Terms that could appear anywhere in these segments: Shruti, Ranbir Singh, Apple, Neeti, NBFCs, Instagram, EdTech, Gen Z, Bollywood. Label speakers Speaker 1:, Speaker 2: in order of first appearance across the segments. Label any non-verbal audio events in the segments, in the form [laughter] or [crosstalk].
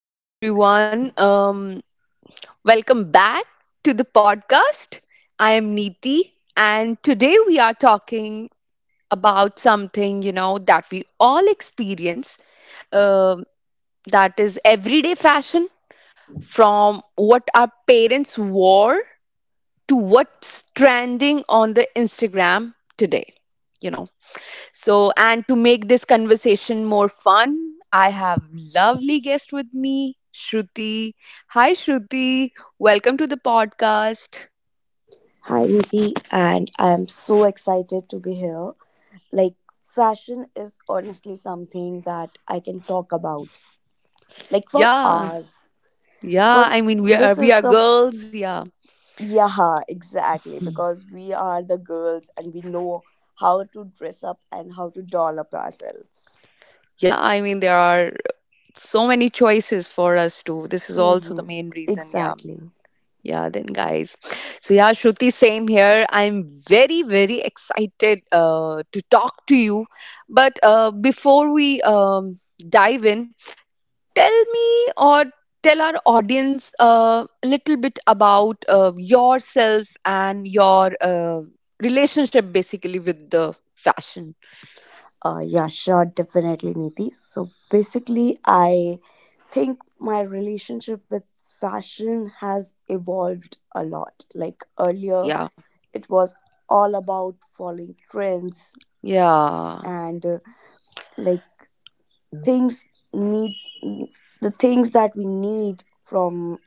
Speaker 1: Hello, everyone. Welcome back to the podcast. I am Neeti, and today we are talking about something that we all experience. um that is everyday fashion, from what our parents wore to what's trending on the Instagram today. You know. So, and to make this conversation more fun, I have lovely guest with me, Shruti. Hi, Shruti. Welcome to the podcast.
Speaker 2: Hi, Nidhi, and I'm so excited to be here. Like, fashion is honestly something that I can talk about, like, for
Speaker 1: Yeah,
Speaker 2: hours.
Speaker 1: yeah.
Speaker 2: Because
Speaker 1: I mean, we are
Speaker 2: this
Speaker 1: we
Speaker 2: is
Speaker 1: are
Speaker 2: the,
Speaker 1: girls. Yeah.
Speaker 2: yeah, exactly.
Speaker 1: Hmm.
Speaker 2: Because we are the girls and we know how to dress up and how to doll up ourselves.
Speaker 1: Yeah. I mean, there are so many choices for us too. This is also the
Speaker 2: Mm-hmm,
Speaker 1: main reason. Yeah.
Speaker 2: exactly.
Speaker 1: Yeah, then guys. So yeah, Shruti, same here. I'm very, very excited to talk to you. But before we dive in, tell me or tell our audience a little bit about yourself and your relationship basically with the fashion.
Speaker 2: Yeah, sure, definitely, Niti. So basically, I think my relationship with fashion has evolved a lot. Like earlier,
Speaker 1: Yeah,
Speaker 2: it was all about following trends
Speaker 1: yeah,
Speaker 2: and like things need the things that we need from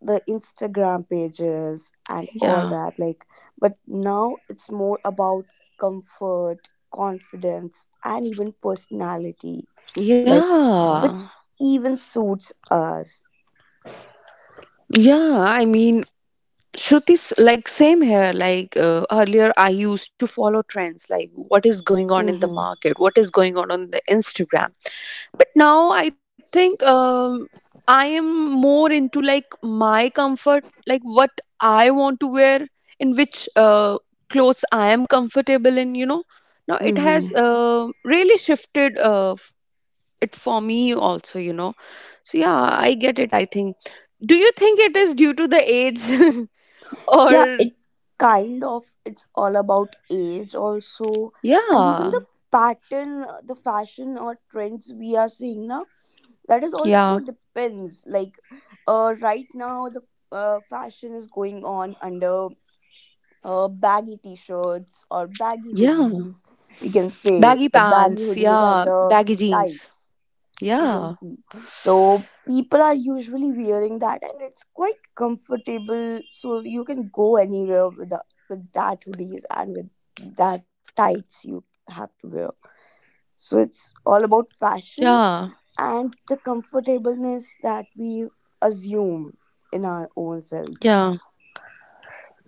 Speaker 2: the Instagram pages and all
Speaker 1: yeah,
Speaker 2: that. Like, but now it's more about comfort, confidence, and even personality, like which
Speaker 1: yeah,
Speaker 2: even suits us.
Speaker 1: yeah. I mean, Shruti's like same here. Like earlier, I used to follow trends, like what is going on in the
Speaker 2: Mm-hmm.
Speaker 1: market, what is going on the Instagram, but now I think I am more into like my comfort, like what I want to wear, in which clothes I am comfortable in, now it
Speaker 2: Mm-hmm.
Speaker 1: has really shifted it for me also, so yeah, I get it. I think, do you think it is due to the age [laughs]
Speaker 2: Yeah,
Speaker 1: or
Speaker 2: it it's all about age also, and even the
Speaker 1: yeah,
Speaker 2: pattern, the fashion or trends we are seeing now, that is
Speaker 1: yeah,
Speaker 2: also depends. Like, right now the fashion is going on under baggy t-shirts or baggy
Speaker 1: yeah,
Speaker 2: hoodies, we can say
Speaker 1: baggy
Speaker 2: the baggy
Speaker 1: pants,
Speaker 2: hoodies
Speaker 1: yeah,
Speaker 2: and the
Speaker 1: baggy jeans,
Speaker 2: tights we can
Speaker 1: yeah,
Speaker 2: see. So people are usually wearing that, and it's quite comfortable. So you can go anywhere with the, with that hoodies and with that tights you have to wear. So it's all about
Speaker 1: yeah,
Speaker 2: fashion and the comfortableness that we assume in our own
Speaker 1: yeah.
Speaker 2: selves.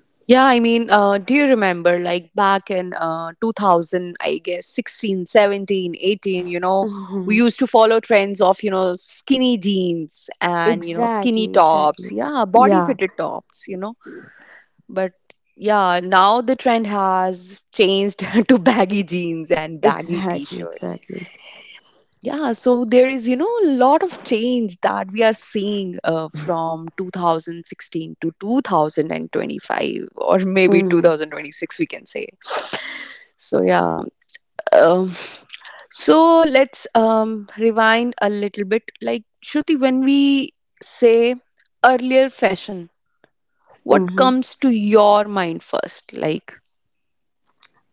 Speaker 1: Yeah, I mean, do you remember like back in 2000, I guess 16, 17, 18, we
Speaker 2: Hmm.
Speaker 1: used to follow trends of, skinny jeans and, skinny
Speaker 2: Exactly, exactly.
Speaker 1: tops. Yeah, body
Speaker 2: Yeah,
Speaker 1: fitted tops. But yeah, now the trend has changed [laughs] to baggy jeans and baggy
Speaker 2: exactly,
Speaker 1: t-shirts.
Speaker 2: exactly.
Speaker 1: Yeah, so there is, a lot of change that we are seeing from 2016 to 2025, or maybe
Speaker 2: Mm-hmm.
Speaker 1: 2026, we can say. So, yeah. Um, so, let's rewind a little bit. Like, Shruti, when we say earlier fashion, what
Speaker 2: Mm-hmm.
Speaker 1: comes to your mind first? Like,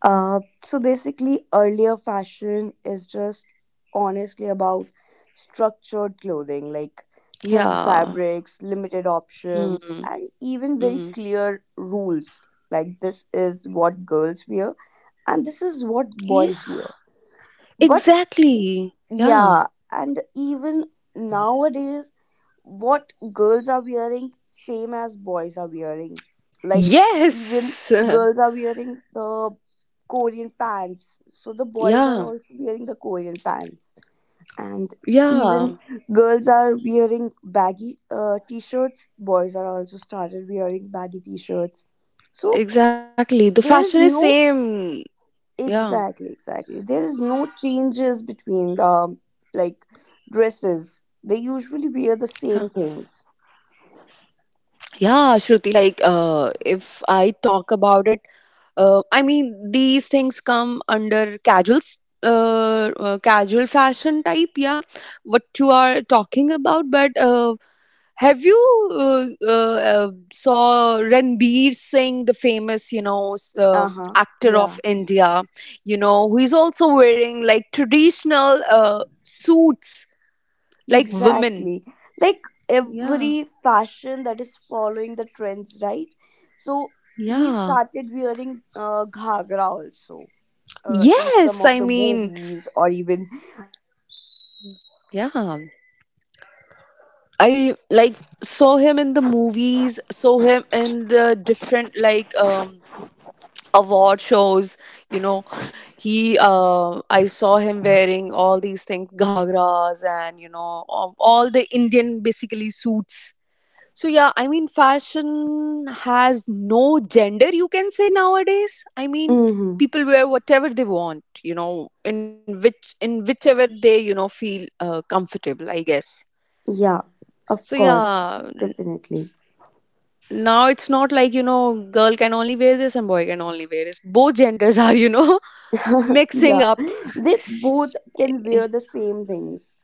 Speaker 2: So basically, earlier fashion is just honestly about structured clothing, like heavy
Speaker 1: yeah.
Speaker 2: fabrics, limited options,
Speaker 1: Hmm,
Speaker 2: and even very
Speaker 1: hmm.
Speaker 2: clear rules. Like, this is what girls wear, and this is what
Speaker 1: Yeah,
Speaker 2: boys wear. But
Speaker 1: exactly. Yeah.
Speaker 2: yeah, and even nowadays, what girls are wearing same as boys are wearing, like even
Speaker 1: Yes.
Speaker 2: girls
Speaker 1: [laughs]
Speaker 2: are wearing the Korean pants, so the boys are
Speaker 1: Yeah.
Speaker 2: also wearing the Korean pants. And
Speaker 1: Yeah,
Speaker 2: even girls are wearing baggy t-shirts, boys are also started wearing baggy t-shirts. So
Speaker 1: exactly. The
Speaker 2: there is
Speaker 1: fashion is
Speaker 2: no,
Speaker 1: same. Yeah,
Speaker 2: exactly, there is no changes between the, like, dresses they usually wear the same
Speaker 1: yeah,
Speaker 2: things.
Speaker 1: yeah, Shruti. Like, if I talk about it, I mean these things come under casuals, casual fashion type. Yeah, what you are talking about. But have you saw Ranbir Singh, the famous,
Speaker 2: Uh huh.
Speaker 1: actor of
Speaker 2: Yeah,
Speaker 1: India? Who is also wearing like traditional suits like women.
Speaker 2: exactly. Like
Speaker 1: Yeah,
Speaker 2: every fashion that is following the trends, right? So he
Speaker 1: yeah.
Speaker 2: started wearing ghagra also, in some
Speaker 1: Yes,
Speaker 2: of
Speaker 1: I
Speaker 2: the
Speaker 1: mean,
Speaker 2: movies or even.
Speaker 1: yeah. I like saw him in the movies, saw him in the different like award shows, you know. He I saw him wearing all these things, ghagras and all the Indian basically suits. So yeah, I mean fashion has no gender you can say nowadays. I mean
Speaker 2: Mm-hmm.
Speaker 1: people wear whatever they want, in which in whichever they, feel comfortable, I guess.
Speaker 2: Yeah, of
Speaker 1: So
Speaker 2: course,
Speaker 1: yeah,
Speaker 2: definitely.
Speaker 1: now it's not like, girl can only wear this and boy can only wear this. Both genders are, [laughs]
Speaker 2: [laughs]
Speaker 1: mixing
Speaker 2: Yeah,
Speaker 1: up.
Speaker 2: they both can wear the same things.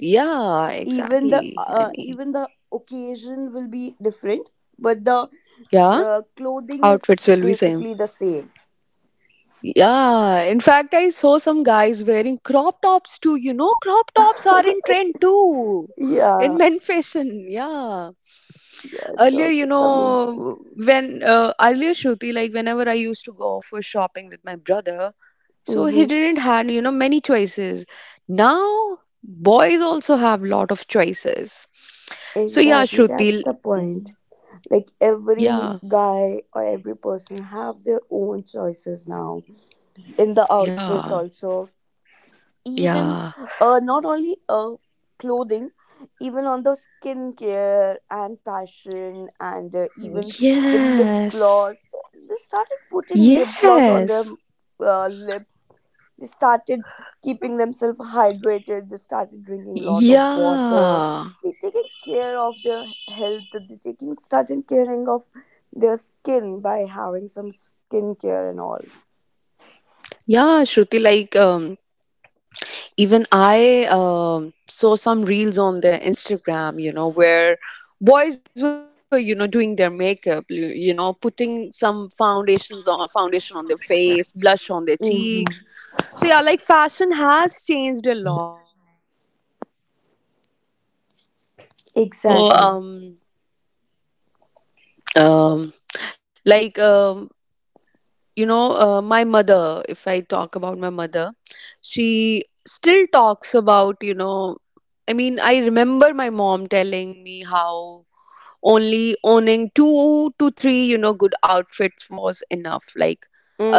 Speaker 1: Yeah,
Speaker 2: Even the
Speaker 1: exactly. I mean,
Speaker 2: occasion will be different, but the
Speaker 1: yeah,
Speaker 2: clothing is
Speaker 1: outfits will be same.
Speaker 2: basically the same.
Speaker 1: Yeah, in fact, I saw some guys wearing crop tops too. You know, crop tops are in trend too
Speaker 2: [laughs]
Speaker 1: in [laughs]
Speaker 2: Yeah,
Speaker 1: men fashion. Yeah.
Speaker 2: yeah, it's
Speaker 1: Earlier, you
Speaker 2: also coming.
Speaker 1: know, when earlier Shruti, like whenever I used to go for shopping with my brother, so he
Speaker 2: Mm-hmm.
Speaker 1: didn't had, many choices. Now, boys also have lot of choices. So yeah,
Speaker 2: Exactly, that's
Speaker 1: Shruti.
Speaker 2: the
Speaker 1: mm,
Speaker 2: point. Like every
Speaker 1: Yeah,
Speaker 2: guy or every person have their own choices now, in the outfits
Speaker 1: yeah,
Speaker 2: also, even
Speaker 1: yeah.
Speaker 2: not only clothing, even on the skincare and fashion, and even the lip
Speaker 1: Yes.
Speaker 2: gloss. They started putting lip gloss on their
Speaker 1: Yes.
Speaker 2: lips. They started keeping themselves hydrated, they started drinking a lot of water,
Speaker 1: Yeah.
Speaker 2: they taking care of their health, they taking started caring of their skin by having some skincare and all.
Speaker 1: Yeah, Shruti, like even I saw some reels on their Instagram, where boys were, doing their makeup, putting some foundations on foundation on their face, blush on their cheeks.
Speaker 2: Hmm.
Speaker 1: So yeah, like fashion has changed a lot.
Speaker 2: Exactly.
Speaker 1: um um like um my mother, if I talk about my mother, she still talks about, I mean, I remember my mom telling me how only owning two to three, good outfits was enough. Like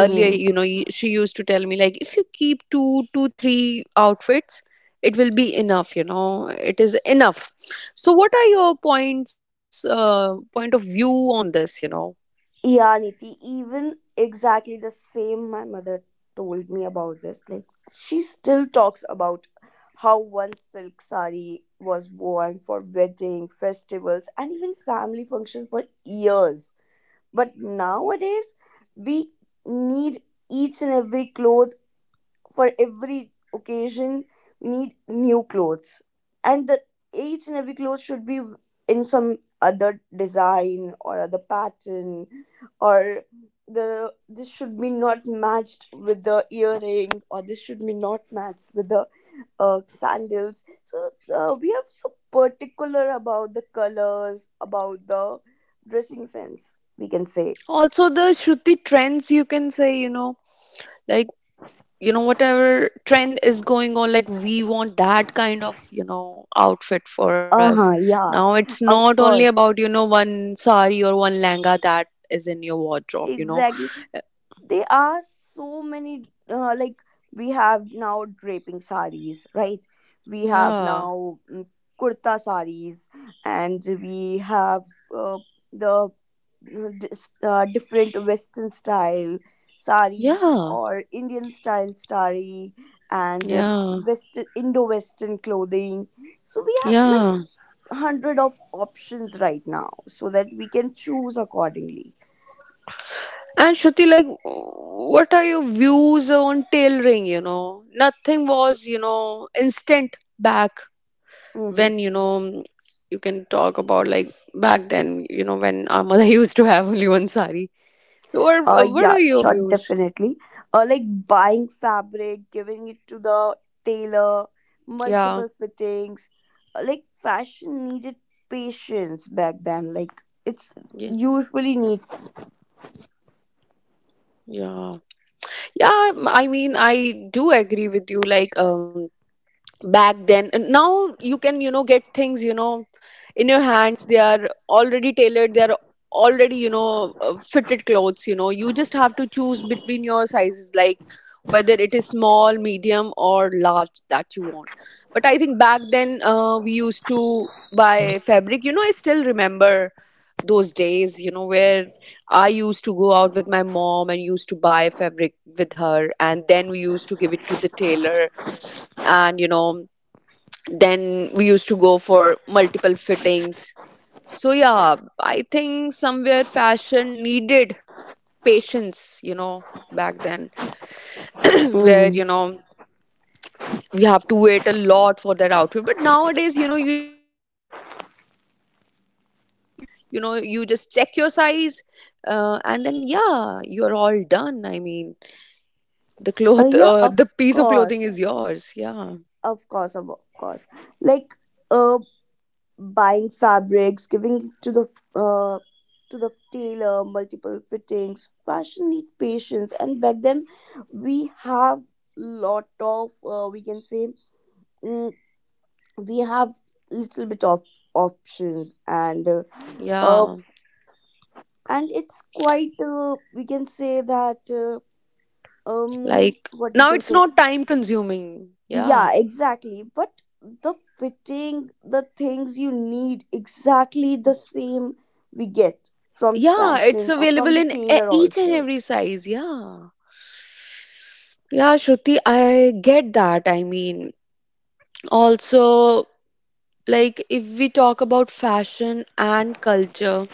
Speaker 1: earlier, she used to tell me, like if you keep two to three outfits, it will be enough, it is enough. So what are your point of view on this,
Speaker 2: Yeah, Niti, even exactly the same my mother told me about this. Like, she still talks about how one silk sari was worn for wedding, festivals, and even family functions for years. But nowadays we need each and every cloth for every occasion. We need new clothes, and the each and every clothes should be in some other design or other pattern, or the this should be not matched with the earring, or this should be not matched with the sandals. So we are so particular about the colors, about the dressing sense, we can say.
Speaker 1: also the Shruti trends you can say, like, whatever trend is going on, like we want that kind of, outfit for us.
Speaker 2: Uh-huh, yeah.
Speaker 1: Now it's
Speaker 2: Of
Speaker 1: not only
Speaker 2: course,
Speaker 1: about, one sari or one langa that is in your wardrobe,
Speaker 2: exactly. There are so many uh, like we have now draping saris, right? We have
Speaker 1: yeah,
Speaker 2: now kurta saris, and we have uh, the different western style sari
Speaker 1: yeah,
Speaker 2: or Indian style sari, and
Speaker 1: yeah,
Speaker 2: western, Indo-western clothing. So we have, like,
Speaker 1: yeah.
Speaker 2: hundred of options right now, so that we can choose accordingly.
Speaker 1: And Shruti, like, what are your views on tailoring? Nothing was, instant back
Speaker 2: Mm-hmm.
Speaker 1: when, you can talk about, like back then, when our mother [laughs] used to have only one sari. So,
Speaker 2: Uh,
Speaker 1: what
Speaker 2: yeah,
Speaker 1: are your
Speaker 2: sure,
Speaker 1: views?
Speaker 2: definitely. Like buying fabric, giving it to the tailor,
Speaker 1: Yeah,
Speaker 2: multiple fittings. Like fashion needed patience back then. Like, it's
Speaker 1: yeah,
Speaker 2: usually need.
Speaker 1: yeah, yeah. I mean, I do agree with you. Like, back then, now you can, get things, in your hands they are already tailored, they are already, fitted clothes, you just have to choose between your sizes, like whether it is small, medium or large that you want. But I think back then, we used to buy fabric, I still remember those days, where I used to go out with my mom and used to buy fabric with her, and then we used to give it to the tailor, and then we used to go for multiple fittings. So yeah, I think somewhere fashion needed patience, you know back then. [clears throat] Where,
Speaker 2: Hmm.
Speaker 1: we have to wait a lot for that outfit. But nowadays, you just go to the store, you just pick up the outfit, you just check your size, and then yeah, you're all done. I mean the
Speaker 2: Uh,
Speaker 1: cloth [laughs]
Speaker 2: yeah, of
Speaker 1: the piece of clothing
Speaker 2: course,
Speaker 1: is yours. Yeah,
Speaker 2: of course, of course. Like, uh, buying fabrics, giving to the uh, tailor, multiple fittings. Fashion need patience, and back then we have lot of we can say, mm, we have little bit of options
Speaker 1: yeah.
Speaker 2: uh and it's quite we can say that
Speaker 1: Like
Speaker 2: what
Speaker 1: now
Speaker 2: we
Speaker 1: it's
Speaker 2: can say.
Speaker 1: not time consuming. Yeah.
Speaker 2: Yeah, exactly. But the fitting, the things you need, exactly the same we get from the
Speaker 1: Yeah, it's
Speaker 2: fashion or
Speaker 1: available
Speaker 2: from the
Speaker 1: in
Speaker 2: tailor
Speaker 1: each and
Speaker 2: also.
Speaker 1: every size. Yeah. Yeah, Shruti, I get that. I mean, also, like, if we talk about fashion and culture,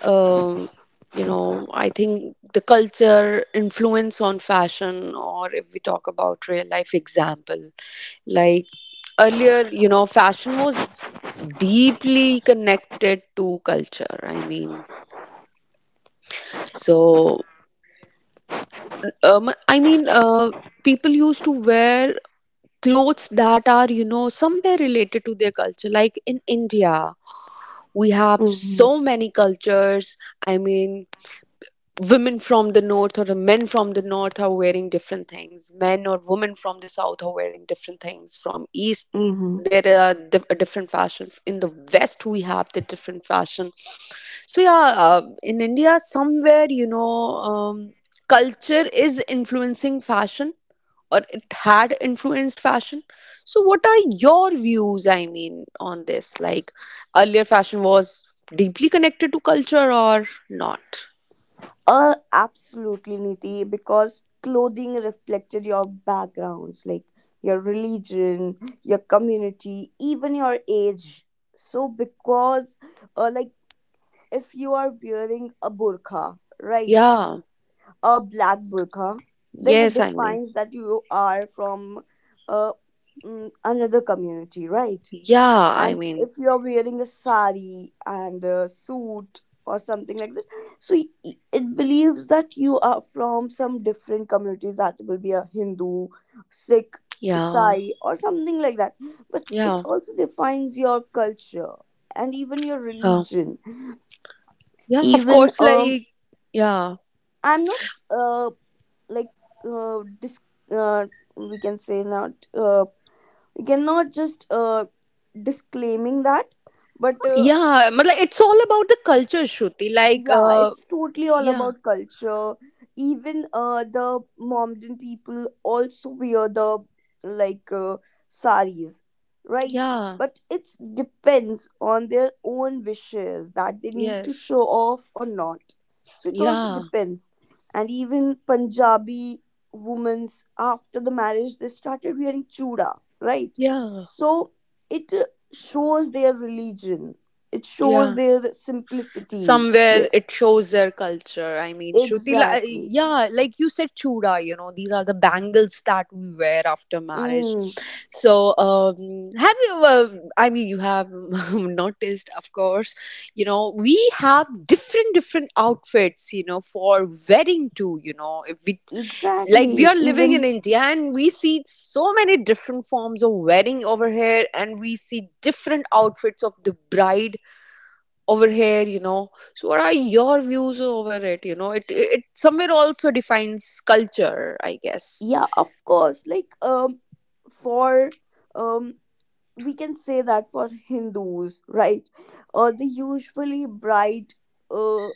Speaker 1: um, I think the culture influence on fashion, or if we talk about real life example, like earlier, fashion was deeply connected to culture. I mean, so, I mean, people used to wear clothes that are, somewhere related to their culture. Like in India, we have
Speaker 2: Mm-hmm.
Speaker 1: so many cultures. I mean, women from the north or the men from the north are wearing different things, men or women from the south are wearing different things, from east
Speaker 2: Mm-hmm.
Speaker 1: there are a different fashion, in the west we have the different fashion. So yeah, in India somewhere, um, culture is influencing fashion, or it had influenced fashion. So what are your views, I mean, on this? Like earlier fashion was deeply connected to culture or not?
Speaker 2: Absolutely, Niti, because clothing reflected your backgrounds, like your religion, your community, even your age. So, because, like, if you are wearing a burqa, right?
Speaker 1: Yeah.
Speaker 2: A black burqa, then it
Speaker 1: Yes,
Speaker 2: defines that you are from uh, another community, right?
Speaker 1: yeah, I
Speaker 2: And
Speaker 1: mean,
Speaker 2: if you are wearing a sari and a suit or something like that, so it believes that you are from some different communities, that will be a Hindu, Sikh,
Speaker 1: yeah,
Speaker 2: Sai, or something like that. But it
Speaker 1: yeah,
Speaker 2: also defines your culture and even your
Speaker 1: yeah,
Speaker 2: religion.
Speaker 1: yeah, of
Speaker 2: Even
Speaker 1: course, like, yeah,
Speaker 2: I'm not s- like dis- uh we can say not we cannot just disclaiming that, but
Speaker 1: yeah, but like, it's all about the culture, Shruti, like,
Speaker 2: yeah, it's totally all
Speaker 1: yeah,
Speaker 2: about culture. Even the Mohammedan people also wear the, like, saris, right?
Speaker 1: yeah,
Speaker 2: But it depends on their own wishes, that they need to
Speaker 1: yes,
Speaker 2: show off or not. So it also
Speaker 1: yeah,
Speaker 2: depends. And even Punjabi women's, after the marriage, they started wearing chuda, right?
Speaker 1: yeah,
Speaker 2: So it shows their religion, it shows
Speaker 1: yeah.
Speaker 2: their simplicity,
Speaker 1: Somewhere
Speaker 2: the
Speaker 1: it shows their culture. I mean, Shruti,
Speaker 2: exactly.
Speaker 1: yeah, like you said, chura, these are the bangles that we wear after marriage.
Speaker 2: Mm,
Speaker 1: So have you, I mean you have [laughs] noticed, of course, we have different different outfits, for wedding too, if we, like we
Speaker 2: exactly.
Speaker 1: are living in
Speaker 2: Even,
Speaker 1: India, and we see so many different forms of wedding over here, and we see different outfits of the bride over here, so what are your views over it? Somewhere also defines culture, I guess.
Speaker 2: yeah, of course. Like, for um, we can say that for Hindus, right? Uh, they usually bride uh,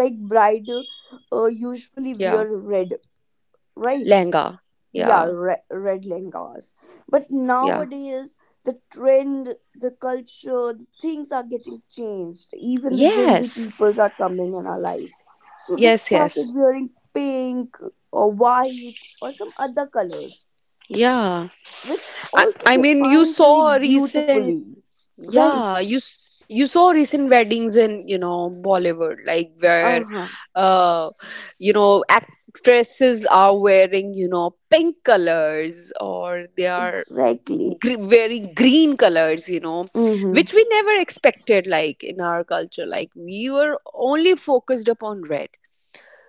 Speaker 2: like bride uh,
Speaker 1: Yeah,
Speaker 2: usually wear red, right?
Speaker 1: lehenga, yeah,
Speaker 2: Yeah, red lengas. But
Speaker 1: yeah,
Speaker 2: nowadays the trend, the culture, the things are getting changed. Even the Gen Z
Speaker 1: yes,
Speaker 2: peoples are coming in our life, so they
Speaker 1: yes, yes,
Speaker 2: started wearing pink or white or some other colors,
Speaker 1: yeah.
Speaker 2: which
Speaker 1: i,
Speaker 2: also
Speaker 1: I mean, you
Speaker 2: defines very
Speaker 1: saw recent,
Speaker 2: beautifully, right?
Speaker 1: yeah, you saw recent weddings in, Bollywood, like where,
Speaker 2: Uh-huh,
Speaker 1: uh actresses are wearing, pink colors, or they are
Speaker 2: exactly.
Speaker 1: wearing green colors,
Speaker 2: Mm-hmm.
Speaker 1: which we never expected, like in our culture, like we were only focused upon red.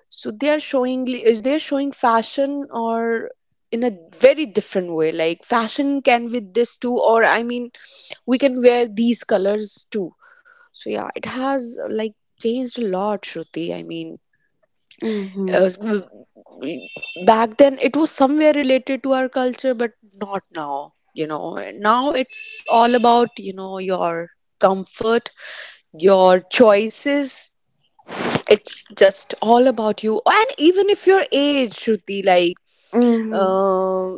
Speaker 1: So they are showing, they're showing fashion or in a very different way, like fashion can with this too, or I mean, we can wear these colors too. So yeah, it has like changed a lot, Shruti. I mean,
Speaker 2: Mm-hmm.
Speaker 1: uh, back then it was somewhere related to our culture, but not now, now it's all about, your comfort, your choices, it's just all about you. And even if your age, Shruti, like,
Speaker 2: Mm-hmm.
Speaker 1: uh,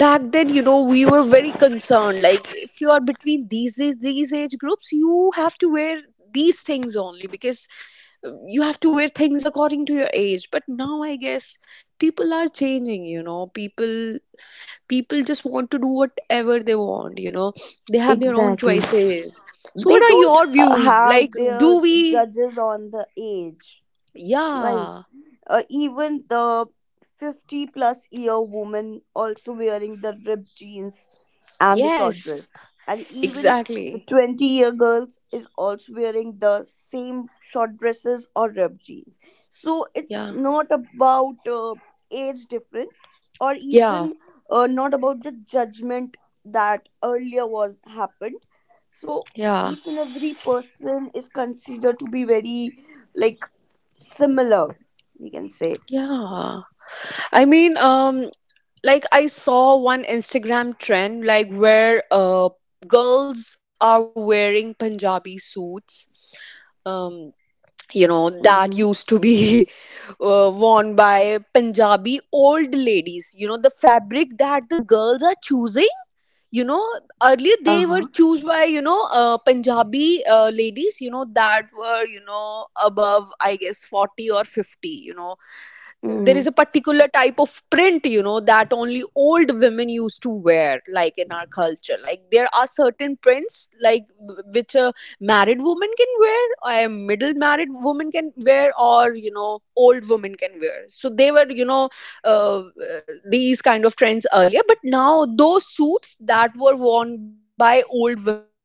Speaker 1: back then, we were very concerned, like if you are between these age groups, you have to wear these things only, because you have to wear things according to your age. But now I guess people are changing, people People just want to do whatever they want, you know. They have their own
Speaker 2: Exactly.
Speaker 1: choices. So
Speaker 2: They
Speaker 1: what are
Speaker 2: don't
Speaker 1: your views, like,
Speaker 2: have
Speaker 1: do
Speaker 2: their
Speaker 1: we—
Speaker 2: judges on the age. Right.
Speaker 1: yeah.
Speaker 2: Even the 50 plus year woman also wearing the ripped jeans and the short
Speaker 1: Yes,
Speaker 2: dress. And even the
Speaker 1: exactly.
Speaker 2: 20-year girls is also wearing the same short dresses or ripped jeans. So it's
Speaker 1: Yeah,
Speaker 2: not about age difference or
Speaker 1: yeah,
Speaker 2: even not about the judgment that earlier was happened. So
Speaker 1: yeah,
Speaker 2: each and every person is considered to be very, like, similar, we can say.
Speaker 1: yeah. I mean, like I saw one Instagram trend, like where girls are wearing Punjabi suits. um you know, that
Speaker 2: Mm-hmm.
Speaker 1: used to be [laughs] worn by Punjabi old ladies, you know, the fabric that the girls are choosing, you know, earlier
Speaker 2: Uh
Speaker 1: they were
Speaker 2: huh.
Speaker 1: choose by, you know, Punjabi ladies, you know, that were, you know, above I guess 40 or 50, you know. There is a
Speaker 2: Mm-hmm.
Speaker 1: particular type of print, you know, that only old women used to wear, like in our culture, like there are certain prints like which a married woman can wear or a middle married woman can wear or, you know, old woman can wear. So they were, you know, uh, uh, these kind of trends earlier, but now those suits that were worn by old women,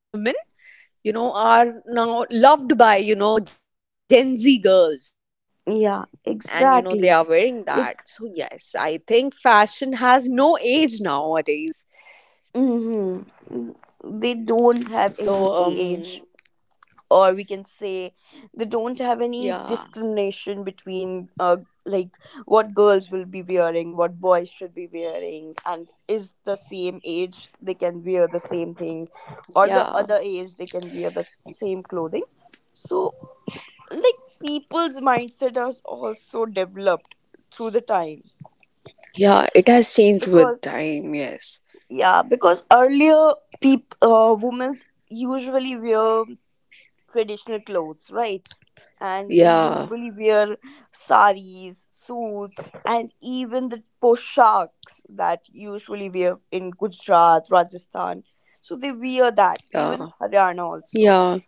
Speaker 1: you know, are now loved by, you know, Gen Z girls, and, you know, they are wearing that. So yes,
Speaker 2: Yeah,
Speaker 1: I think fashion
Speaker 2: exactly.
Speaker 1: has no
Speaker 2: Like,
Speaker 1: age nowadays. So, um
Speaker 2: mm-hmm, they don't have any age, or we can
Speaker 1: yeah.
Speaker 2: say they don't have any discrimination between, like, what girls will be wearing, what boys should be wearing, and is the same age they can wear the same thing,
Speaker 1: Yeah,
Speaker 2: or the other age they can wear the same clothing. So, like, people's mindset has also developed through the time.
Speaker 1: yeah, it has changed with
Speaker 2: Because
Speaker 1: time, yes.
Speaker 2: yeah, because earlier peop women usually wear traditional clothes, right? And they
Speaker 1: Yeah,
Speaker 2: usually wear saris, suits, and even the poshaks that usually wear in Gujarat, Rajasthan. So they wear that,
Speaker 1: yeah,
Speaker 2: even Haryana also.
Speaker 1: yeah,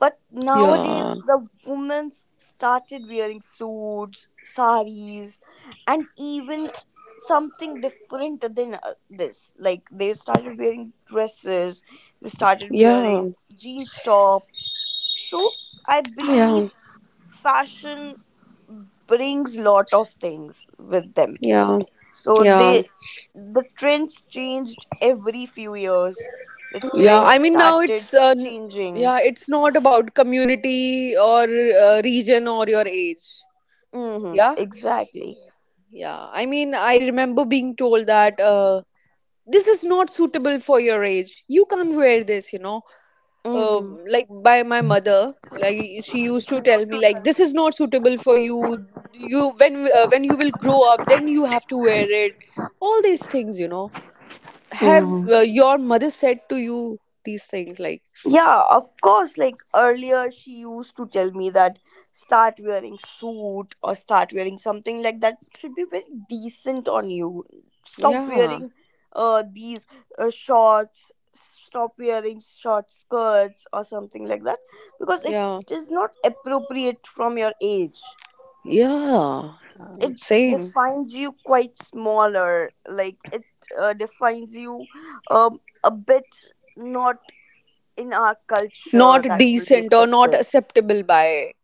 Speaker 2: But
Speaker 1: yeah,
Speaker 2: nowadays, the women started wearing suits, saris, and even something different than this. Like they started wearing dresses, they started
Speaker 1: yeah,
Speaker 2: wearing jeans top. So I
Speaker 1: yeah,
Speaker 2: believe fashion brings lot of things with them.
Speaker 1: yeah,
Speaker 2: So
Speaker 1: yeah,
Speaker 2: they, the trends changed every few years. The
Speaker 1: yeah. I
Speaker 2: trends
Speaker 1: mean now it's
Speaker 2: started changing.
Speaker 1: yeah, it's not about community or region or your age.
Speaker 2: Hmm.
Speaker 1: Yeah.
Speaker 2: Exactly.
Speaker 1: Yeah, I mean, I remember being told that this is not suitable for your age. You can't wear this, you know.
Speaker 2: Mm-hmm.
Speaker 1: Like by my mother, like she used to tell me, like this is not suitable for you. When you will grow up, then you have to wear it. All these things, you know. Have
Speaker 2: Mm-hmm.
Speaker 1: your mother said to you these things? Like,
Speaker 2: Yeah, of course. Like earlier, she used to tell me that start wearing suit or start wearing something like that should be very decent on you. Stop
Speaker 1: yeah,
Speaker 2: wearing these shorts. Stop wearing short skirts or something like that, because it
Speaker 1: yeah,
Speaker 2: is not appropriate from your age.
Speaker 1: yeah.
Speaker 2: It
Speaker 1: Same.
Speaker 2: defines you quite smaller. Like it defines you a bit not in our culture
Speaker 1: Not
Speaker 2: that will be
Speaker 1: decent or not
Speaker 2: accepted.
Speaker 1: acceptable by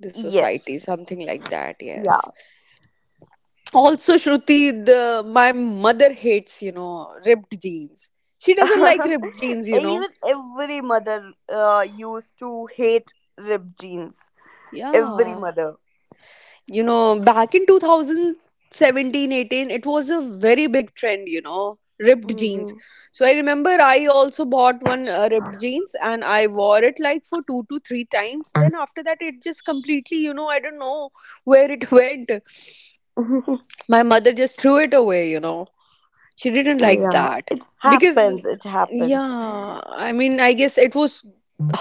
Speaker 1: the
Speaker 2: Yes,
Speaker 1: society, something like that, yes. Also, Shruti, the my mother hates, you know, ripped jeans. She doesn't
Speaker 2: yeah.
Speaker 1: like ripped jeans,
Speaker 2: [laughs]
Speaker 1: you know.
Speaker 2: Even every mother used to hate ripped jeans. Every
Speaker 1: Yeah,
Speaker 2: mother.
Speaker 1: you know, back in 2017 18 it was a very big trend, you know, ripped jeans.
Speaker 2: Hmm.
Speaker 1: So I remember I also bought one ripped jeans and I wore it like for two to three times. Then after that it just completely, you know, I don't know where it [laughs] went.
Speaker 2: [laughs]
Speaker 1: My mother just threw it away, you know. She didn't like
Speaker 2: Yeah,
Speaker 1: that,
Speaker 2: it
Speaker 1: because,
Speaker 2: happens. It happens.
Speaker 1: yeah, I mean, I guess it was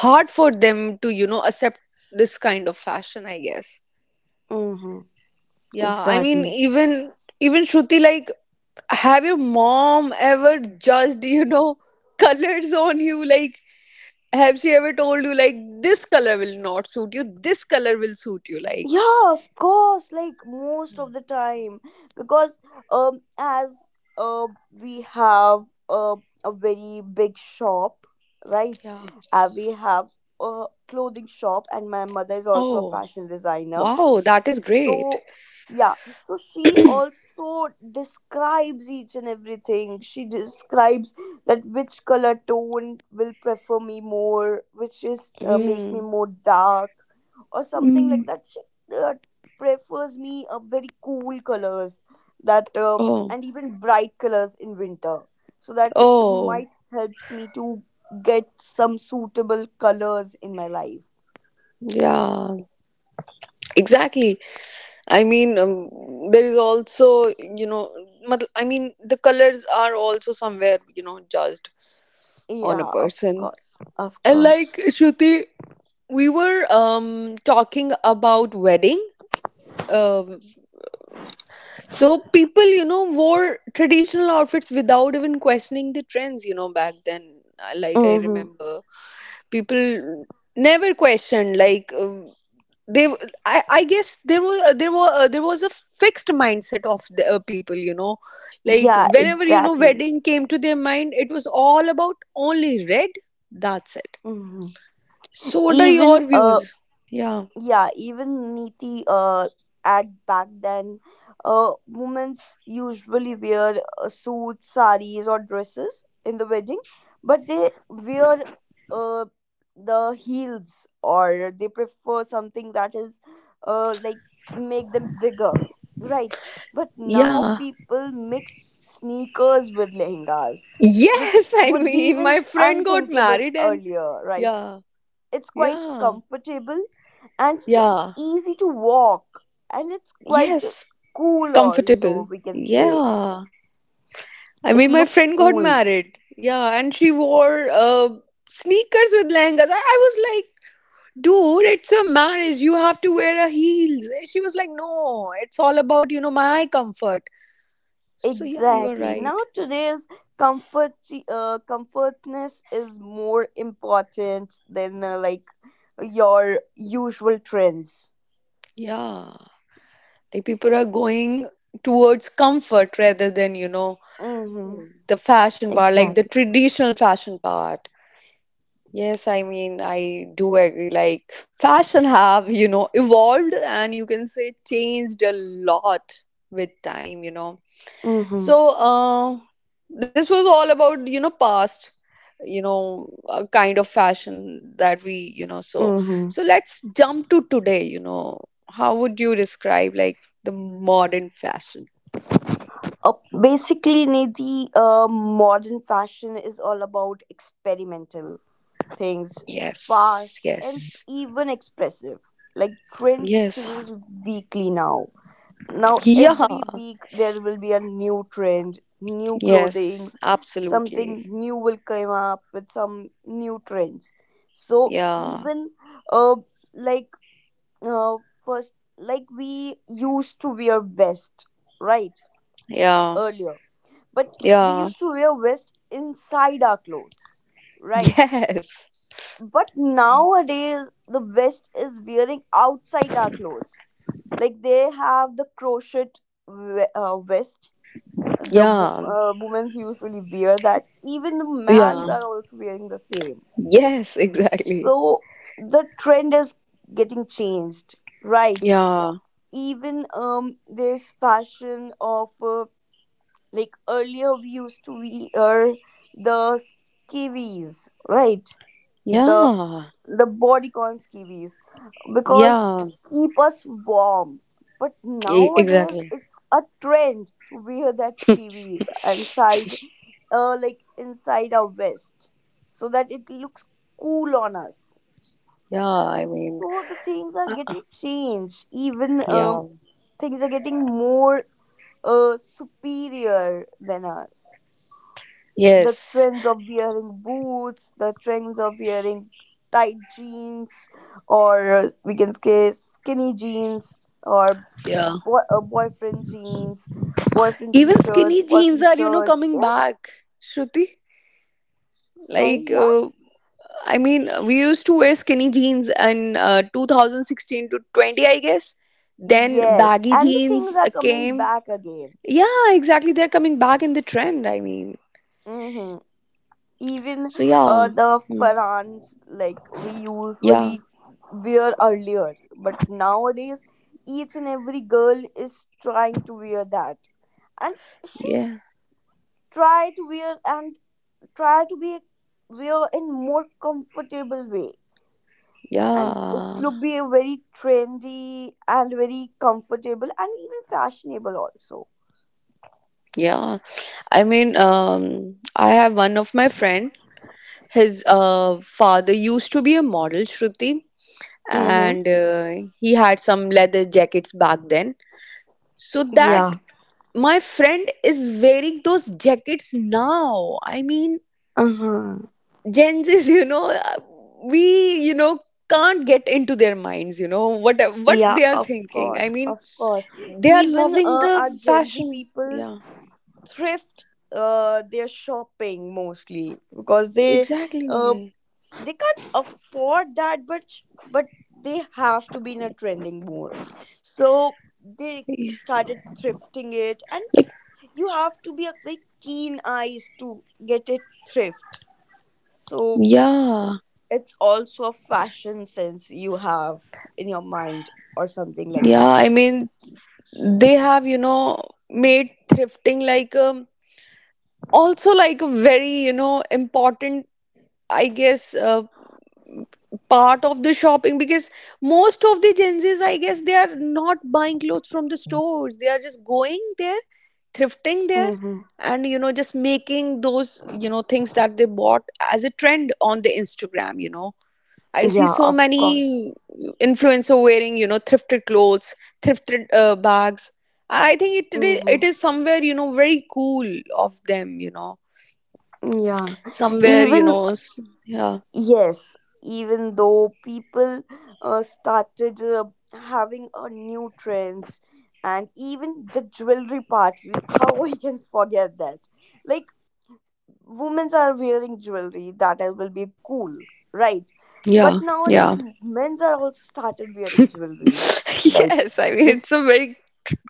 Speaker 1: hard for them to, you know, accept this kind of fashion, I guess.
Speaker 2: Hmm.
Speaker 1: Yeah, I mean,
Speaker 2: Exactly.
Speaker 1: even Shruti, like, have your mom ever judged, you know, [laughs] colors on you? Like, have she ever told you, like, this color will not suit you, this color will suit you? Like,
Speaker 2: Yeah, of course, like most of the time, because as we have a very big shop, right?
Speaker 1: yeah.
Speaker 2: We have a clothing shop, and my mother is also a
Speaker 1: Oh,
Speaker 2: fashion designer.
Speaker 1: wow, that is great.
Speaker 2: So, yeah, so she also describes each and everything. She describes that which color tone will prefer me more, which is make me
Speaker 1: Mm.
Speaker 2: more dark or something
Speaker 1: Mm.
Speaker 2: like that. She uh, prefers me a very cool colors that
Speaker 1: Oh,
Speaker 2: and even bright colors in winter, so that it
Speaker 1: oh,
Speaker 2: might helps me to get some suitable colors in my life.
Speaker 1: yeah. Exactly. I mean, there is also, you know, I mean, the colors are also somewhere, you know, judged on a
Speaker 2: Yeah, of
Speaker 1: person.
Speaker 2: course, of
Speaker 1: And
Speaker 2: course.
Speaker 1: like, Shruti, we were talking about wedding. Um, so people, you know, wore traditional outfits without even questioning the trends, you know, back then. Like I
Speaker 2: Mm-hmm.
Speaker 1: remember, people never questioned, like, they I, I guess there were there was a fixed mindset of the people, you know, like
Speaker 2: Yeah,
Speaker 1: whenever, you know,
Speaker 2: exactly.
Speaker 1: wedding came to their mind it was all about only red. That's it.
Speaker 2: Mm-hmm.
Speaker 1: So what are
Speaker 2: Even
Speaker 1: your views? Yeah.
Speaker 2: yeah, even Niti, at back then, women's usually wear suits, saris, or dresses in the wedding, but they wear uh the heels, or they prefer something that is, like, make them bigger, right? But now
Speaker 1: Yeah,
Speaker 2: people mix sneakers with lehengas, which
Speaker 1: yes. [laughs] I
Speaker 2: would be
Speaker 1: mean,
Speaker 2: even
Speaker 1: my friend got
Speaker 2: unthinkable
Speaker 1: married, and—
Speaker 2: earlier, right?
Speaker 1: yeah,
Speaker 2: It's quite
Speaker 1: yeah,
Speaker 2: comfortable, and it's
Speaker 1: yeah,
Speaker 2: easy to walk, and it's quite
Speaker 1: yes.
Speaker 2: cool
Speaker 1: Comfortable.
Speaker 2: also, we can say.
Speaker 1: Yeah, I
Speaker 2: It
Speaker 1: mean, my
Speaker 2: looks
Speaker 1: friend got
Speaker 2: cool.
Speaker 1: married, yeah, and she wore sneakers with lehengas. I was like, dude, it's a marriage, you have to wear a heels. She was like, no, it's all about, you know, my comfort. So yeah, you are
Speaker 2: Exactly, now
Speaker 1: right.
Speaker 2: today's comfort, comfortness is more important than, like, your usual trends.
Speaker 1: Yeah, like people are going towards comfort rather than, you know,
Speaker 2: Mm-hmm.
Speaker 1: the fashion part, like the
Speaker 2: Exactly.
Speaker 1: traditional fashion part. Yes, I mean, I do agree, like fashion have, you know, evolved and you can say changed a lot with time, you know.
Speaker 2: Mm-hmm.
Speaker 1: So, this was all about, you know, past, you know, a kind of fashion that we, you know, so—
Speaker 2: Mm-hmm.
Speaker 1: let's jump to today. You know, how would you describe, like, the modern fashion?
Speaker 2: Uh, Basically, Nidhi, modern fashion is all about experimental things,
Speaker 1: Yes,
Speaker 2: fast and
Speaker 1: yes.
Speaker 2: even expressive. Like trends
Speaker 1: Yes,
Speaker 2: change weekly now. Now every
Speaker 1: yeah,
Speaker 2: week there will be a new trend, new
Speaker 1: yes,
Speaker 2: clothings,
Speaker 1: absolutely.
Speaker 2: something new will come up with some new trends. So
Speaker 1: Yeah,
Speaker 2: even uh like uh first, like we used to wear vest, right?
Speaker 1: yeah,
Speaker 2: Earlier. But we
Speaker 1: yeah,
Speaker 2: used to wear vest inside our clothes, right?
Speaker 1: yes,
Speaker 2: But nowadays the west is wearing outside our clothes, like they have the crochet vest. The
Speaker 1: yeah,
Speaker 2: women's usually wear that, even the
Speaker 1: yeah,
Speaker 2: men's are also wearing the same.
Speaker 1: yes, exactly.
Speaker 2: So the trend is getting changed, right?
Speaker 1: Yeah,
Speaker 2: Even this fashion of like earlier we used to wear the skivvies, right? The
Speaker 1: yeah,
Speaker 2: bodycons kiwis, because to
Speaker 1: yeah.
Speaker 2: keep us warm. But nowadays
Speaker 1: Exactly.
Speaker 2: it's a trend to wear that kiwis inside, like inside our vest, so that it looks cool on us.
Speaker 1: Yeah, I mean,
Speaker 2: So the things are getting changed. Even
Speaker 1: yeah,
Speaker 2: things are getting more superior than us. The
Speaker 1: yes,
Speaker 2: trends of wearing boots, the trends of wearing tight jeans, or we can say skinny jeans, or
Speaker 1: yeah.
Speaker 2: boyfriend jeans, boyfriend t
Speaker 1: Even skinny
Speaker 2: shirts,
Speaker 1: jeans
Speaker 2: boyfriend
Speaker 1: are, you know,
Speaker 2: shirts. They
Speaker 1: coming
Speaker 2: are,
Speaker 1: back, Shruti.
Speaker 2: sorry,
Speaker 1: Like,
Speaker 2: yeah?
Speaker 1: I mean, we used to wear skinny jeans in 2016 to 20, I guess. Then
Speaker 2: Yes,
Speaker 1: baggy
Speaker 2: and the
Speaker 1: jeans
Speaker 2: things are coming
Speaker 1: came.
Speaker 2: back again.
Speaker 1: Yeah, exactly. They're coming back in the trend, I mean.
Speaker 2: Mm-hmm. Even
Speaker 1: So, yeah.
Speaker 2: the
Speaker 1: Mm.
Speaker 2: farans, like we
Speaker 1: Yeah,
Speaker 2: usually wear earlier, but nowadays each and every girl is trying to wear that. And she
Speaker 1: yeah,
Speaker 2: tried to wear and try to be wear in more comfortable way, and it's
Speaker 1: yeah,
Speaker 2: look be a very trendy and very comfortable and even fashionable also.
Speaker 1: yeah. I mean, I have one of my friend. His father used to be a model, Shruti,
Speaker 2: Mm-hmm.
Speaker 1: and he had some leather jackets back then. So that
Speaker 2: Yeah.
Speaker 1: my friend is wearing those jackets now. I mean,
Speaker 2: Uh-huh.
Speaker 1: Gen Zs, [laughs] you know, we, you know, can't get into their minds, you know, what
Speaker 2: Yeah,
Speaker 1: they are
Speaker 2: of
Speaker 1: thinking. I
Speaker 2: course,
Speaker 1: mean,
Speaker 2: of course.
Speaker 1: they are
Speaker 2: Even
Speaker 1: loving the
Speaker 2: our gen z
Speaker 1: fashion.
Speaker 2: people
Speaker 1: Yeah,
Speaker 2: thrift their shopping mostly because they, uh,
Speaker 1: exactly.
Speaker 2: they can't afford that much, but they have to be in a trending mode, so
Speaker 1: Yeah.
Speaker 2: they started thrifting it. And
Speaker 1: Like,
Speaker 2: you have to be a very keen eyes to get it thrift, so
Speaker 1: yeah,
Speaker 2: it's also a fashion sense you have in your mind or something like
Speaker 1: yeah.
Speaker 2: that.
Speaker 1: I mean, they have, you know, made thrifting like also like a very, you know, important, I guess, part of the shopping, because most of the Gen Z's, I guess, they are not buying clothes from the stores, they are just going there, thrifting there,
Speaker 2: Mm-hmm.
Speaker 1: and, you know, just making those, you know, things that they bought as a trend on the Instagram, you know. I see
Speaker 2: Yeah,
Speaker 1: so
Speaker 2: of course.
Speaker 1: many influencer wearing, you know, thrifted clothes, thrifted bags. I think
Speaker 2: Mm-hmm.
Speaker 1: is somewhere, you know, very cool of them, you know,
Speaker 2: Yeah,
Speaker 1: somewhere, you
Speaker 2: even
Speaker 1: know, yeah,
Speaker 2: yes, even though people started having a new trends. And even the jewelry part, we, how [laughs] we can forget that? Like women's are wearing jewelry that I will be cool, right?
Speaker 1: yeah,
Speaker 2: But
Speaker 1: yeah.
Speaker 2: nowadays men's are also started wearing
Speaker 1: [laughs]
Speaker 2: jewelries. Like
Speaker 1: Yes, I mean,
Speaker 2: this,
Speaker 1: it's a very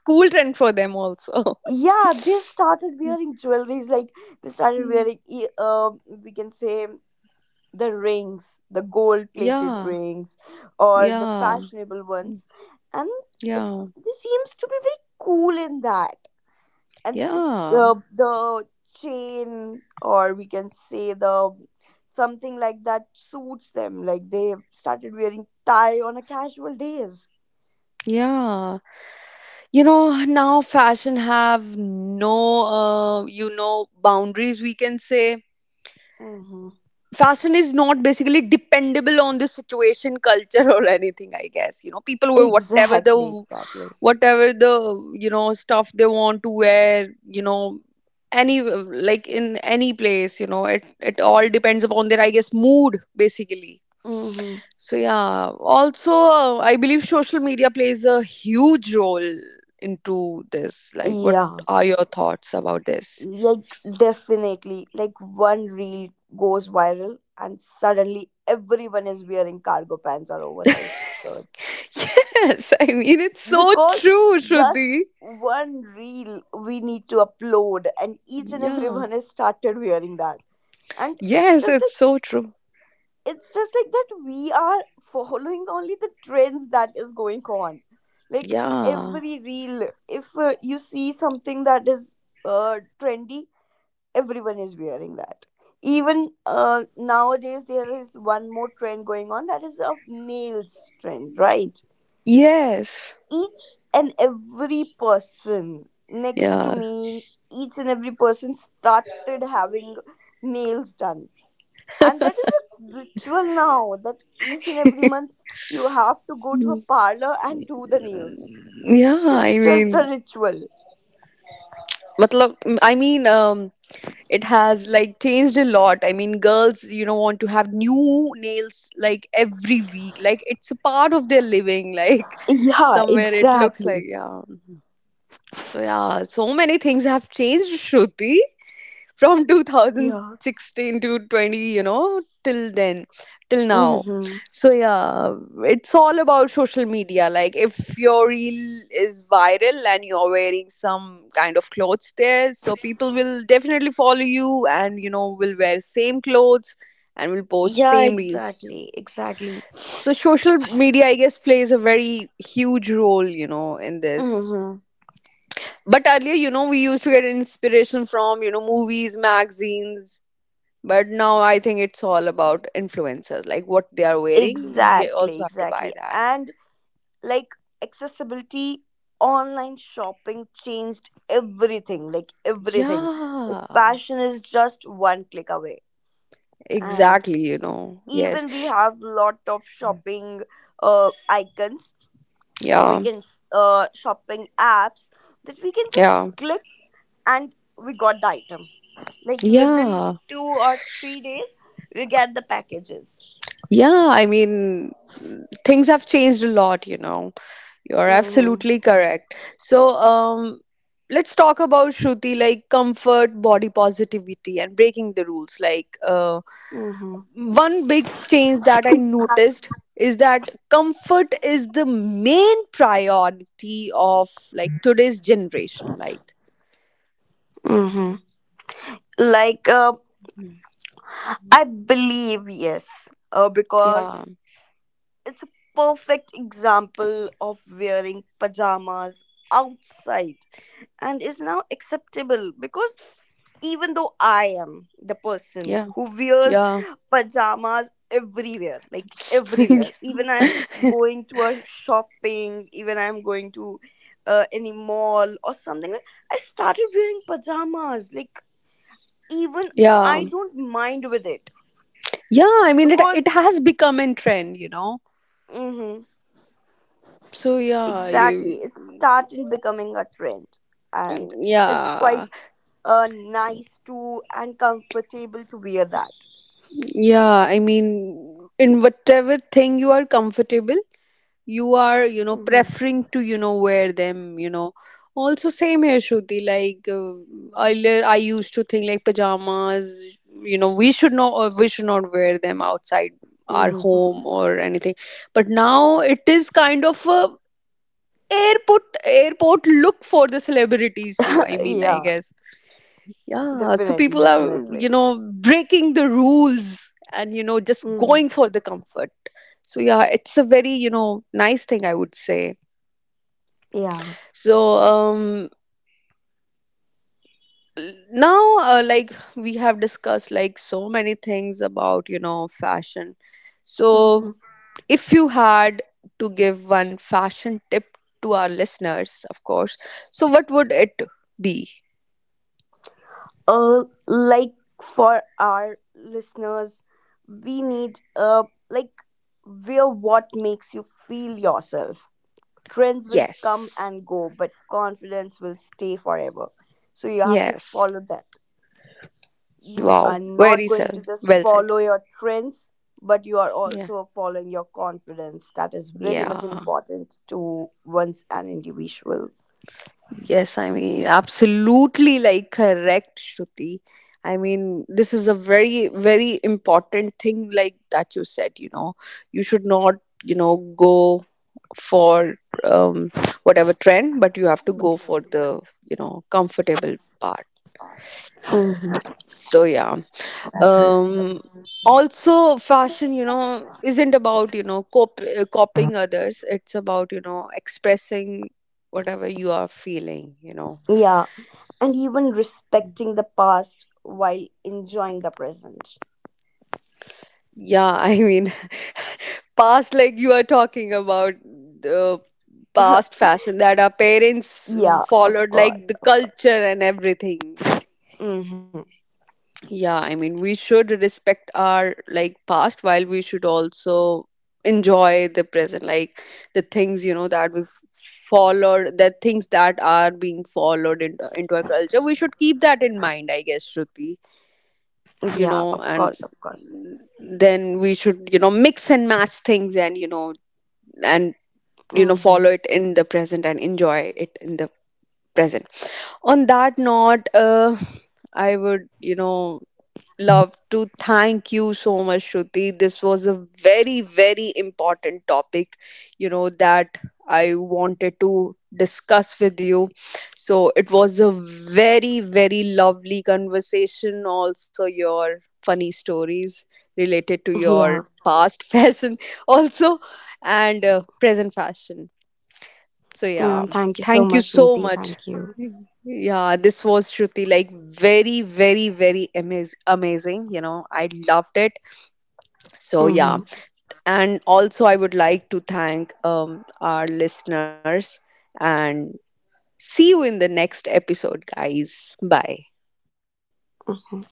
Speaker 1: cool trend for them also. [laughs]
Speaker 2: yeah, they started wearing jewelries. Like they started
Speaker 1: Mhm.
Speaker 2: wearing, we can say the rings, the gold plated
Speaker 1: Yeah,
Speaker 2: rings, or the
Speaker 1: yeah,
Speaker 2: fashionable ones. And it,
Speaker 1: yeah,
Speaker 2: there seems to be very cool in that. And it's
Speaker 1: yeah,
Speaker 2: the chain, or we can say the something like that suits them. Like they started wearing tie on a casual days.
Speaker 1: yeah. You know, now fashion have no, you know, boundaries, we can say.
Speaker 2: Hmm.
Speaker 1: Fashion is not basically dependable on the situation, culture or anything, I guess, you know. People
Speaker 2: [laughs]
Speaker 1: wear whatever the
Speaker 2: Exactly, exactly.
Speaker 1: whatever the you know, stuff they want to wear, you know, any— like in any place, you know, it all depends upon their, I guess, mood, basically.
Speaker 2: Hmm.
Speaker 1: So yeah, also, I believe social media plays a huge role into this. Like, what
Speaker 2: Yeah.
Speaker 1: are your thoughts about this?
Speaker 2: Like definitely, like one reel goes viral and suddenly everyone is wearing cargo pants or oversized shirts,
Speaker 1: [laughs] Yes, I mean, it's so
Speaker 2: because
Speaker 1: true,
Speaker 2: just
Speaker 1: Shruti.
Speaker 2: one reel we need to upload and each and
Speaker 1: Yeah.
Speaker 2: everyone has started wearing that. And it's
Speaker 1: Yes,
Speaker 2: just
Speaker 1: it's
Speaker 2: like,
Speaker 1: so true.
Speaker 2: it's just like that we are following only the trends that is going on. Like
Speaker 1: Yeah.
Speaker 2: every reel, if you see something that is trendy, everyone is wearing that. Even nowadays there is one more trend going on, that is a males trend, right?
Speaker 1: Yes.
Speaker 2: Each and every person next to
Speaker 1: Yeah.
Speaker 2: me, each and every person started having nails done, and that is a ritual now that each and every month you have to go to a parlor and do the nails.
Speaker 1: Yeah,
Speaker 2: So
Speaker 1: I
Speaker 2: it's just a
Speaker 1: mean,
Speaker 2: ritual.
Speaker 1: matlab, I mean, it has like changed a lot. I mean, girls, you know, want to have new nails like every week. Like, it's a part of their living. [laughs] Like
Speaker 2: Yeah,
Speaker 1: somewhere it looks like,
Speaker 2: exactly.
Speaker 1: yeah. So yeah, so many things have changed, Shruti, from
Speaker 2: Yeah.
Speaker 1: 2016 to 20, you know, till then, till now.
Speaker 2: Hmm.
Speaker 1: So yeah, it's all about social media. Like, if your reel is viral and you're wearing some kind of clothes there, so people will definitely follow you and, you know, will wear same clothes and will post
Speaker 2: Yeah,
Speaker 1: same reels.
Speaker 2: exactly, exactly.
Speaker 1: So social media, I guess, plays a very huge role, you know, in this.
Speaker 2: Mm-hmm.
Speaker 1: But earlier, you know, we used to get inspiration from, you know, movies, magazines, but now I think it's all about influencers, like what they are wearing. We
Speaker 2: Exactly,
Speaker 1: also have to buy
Speaker 2: exactly.
Speaker 1: that.
Speaker 2: And like accessibility, online shopping changed everything. Like
Speaker 1: Yeah,
Speaker 2: fashion is just one click away. And
Speaker 1: exactly. You know, yes.
Speaker 2: even we have lot of shopping icons, or we
Speaker 1: Yeah,
Speaker 2: can, shopping apps that we can just
Speaker 1: yeah,
Speaker 2: click, and we got the item. Like within
Speaker 1: yeah,
Speaker 2: two or three days we get the packages.
Speaker 1: yeah. I mean, things have changed a lot, you know. You're
Speaker 2: Mhm.
Speaker 1: absolutely correct. So, let's talk about, Shruti, like comfort, body positivity, and breaking the rules. Like,
Speaker 2: Mhm.
Speaker 1: one big change that I noticed is that comfort is the main priority of like today's generation. Like,
Speaker 2: Mhm. Like
Speaker 1: mhm.
Speaker 2: I believe yes, because
Speaker 1: Yeah,
Speaker 2: it's a perfect example of wearing pajamas outside, and is now acceptable. Because even though I am the person
Speaker 1: yeah,
Speaker 2: who wears
Speaker 1: yeah,
Speaker 2: pajamas everywhere, like everywhere,
Speaker 1: [laughs]
Speaker 2: even I'm going to a shopping, even I'm going to any mall or something, like I started wearing pajamas. Like even
Speaker 1: yeah,
Speaker 2: I don't mind with it,
Speaker 1: yeah. I mean, it
Speaker 2: because
Speaker 1: it has become in trend, you know.
Speaker 2: hmm,
Speaker 1: So yeah,
Speaker 2: exactly,
Speaker 1: you—
Speaker 2: it started becoming a trend. And it's
Speaker 1: yeah,
Speaker 2: quite nice to and comfortable to wear that.
Speaker 1: yeah. I mean, in whatever thing you are comfortable, you are, you know,
Speaker 2: Hmm.
Speaker 1: preferring to, you know, wear them, you know. Also same here, Shruti, like earlier I used to think like pajamas, you know, we should not wear them outside our
Speaker 2: Hmm.
Speaker 1: home or anything. But now it is kind of a airport look for the celebrities too, I
Speaker 2: [laughs]
Speaker 1: mean, I
Speaker 2: Yeah,
Speaker 1: guess. Yeah, so
Speaker 2: definitely,
Speaker 1: people are,
Speaker 2: definitely.
Speaker 1: you know, breaking the rules and, you know, just
Speaker 2: Hmm.
Speaker 1: going for the comfort. So yeah, it's a very, you know, nice thing, I would say.
Speaker 2: Yeah.
Speaker 1: So now, like we have discussed like so many things about, you know, fashion. So,
Speaker 2: Hmm.
Speaker 1: if you had to give one fashion tip to our listeners, of course, so what would it be?
Speaker 2: Like for our listeners, we need like wear what makes you feel yourself. Trends will come
Speaker 1: Yes,
Speaker 2: and go, but confidence will stay forever. So you have to
Speaker 1: yes.
Speaker 2: follow that. You are
Speaker 1: Wow,
Speaker 2: not
Speaker 1: very
Speaker 2: going
Speaker 1: well,
Speaker 2: to just
Speaker 1: well said.
Speaker 2: follow your trends, but you are
Speaker 1: Yeah,
Speaker 2: also following your confidence. That is very much
Speaker 1: yeah.
Speaker 2: important to one's an individual.
Speaker 1: Yes, I mean, absolutely like correct, Shruti. I mean, this is a very, very important thing, like that you said, you know, you should not, you know, go for um, whatever trend, but you have to go for the, you know, comfortable part.
Speaker 2: Mhm.
Speaker 1: So, yeah. Um, also, fashion, you know, isn't about, you know, copying others. It's about, you know, expressing whatever you are feeling, you know.
Speaker 2: Yeah, and even respecting the past while enjoying the present.
Speaker 1: Yeah, [laughs] I mean, past, like you are talking about the past
Speaker 2: [laughs]
Speaker 1: fashion that our parents
Speaker 2: Yeah, of
Speaker 1: followed,
Speaker 2: course,
Speaker 1: like the
Speaker 2: of course.
Speaker 1: culture and everything.
Speaker 2: Hmm.
Speaker 1: Yeah, I mean, we should respect our like past while we should also enjoy the present, like the things, you know, that we've followed, the things that are being followed into our culture, we should keep that in mind, I guess, Shruti,
Speaker 2: Yeah,
Speaker 1: you
Speaker 2: of
Speaker 1: know.
Speaker 2: course,
Speaker 1: And
Speaker 2: of course.
Speaker 1: then we should, you know, mix and match things, and you
Speaker 2: Hmm.
Speaker 1: know follow it in the present and enjoy it in the present. On that note, I would, you know, love to thank you so much, Shruti. This was a very, very important topic, you know, that I wanted to discuss with you. So, it was a very, very lovely conversation, also your funny stories related to
Speaker 2: Yeah.
Speaker 1: your past [laughs] fashion also, and present fashion. So
Speaker 2: Yeah,
Speaker 1: yeah,
Speaker 2: thank you so
Speaker 1: thank
Speaker 2: much,
Speaker 1: you
Speaker 2: Neeti.
Speaker 1: so
Speaker 2: Thank
Speaker 1: much.
Speaker 2: you.
Speaker 1: Yeah, this was Shruti, like, very, very, very amazing. You know, I loved it. So
Speaker 2: Mm-hmm,
Speaker 1: yeah, and also I would like to thank our listeners, and see you in the next episode, guys. Bye.
Speaker 2: mm-hmm.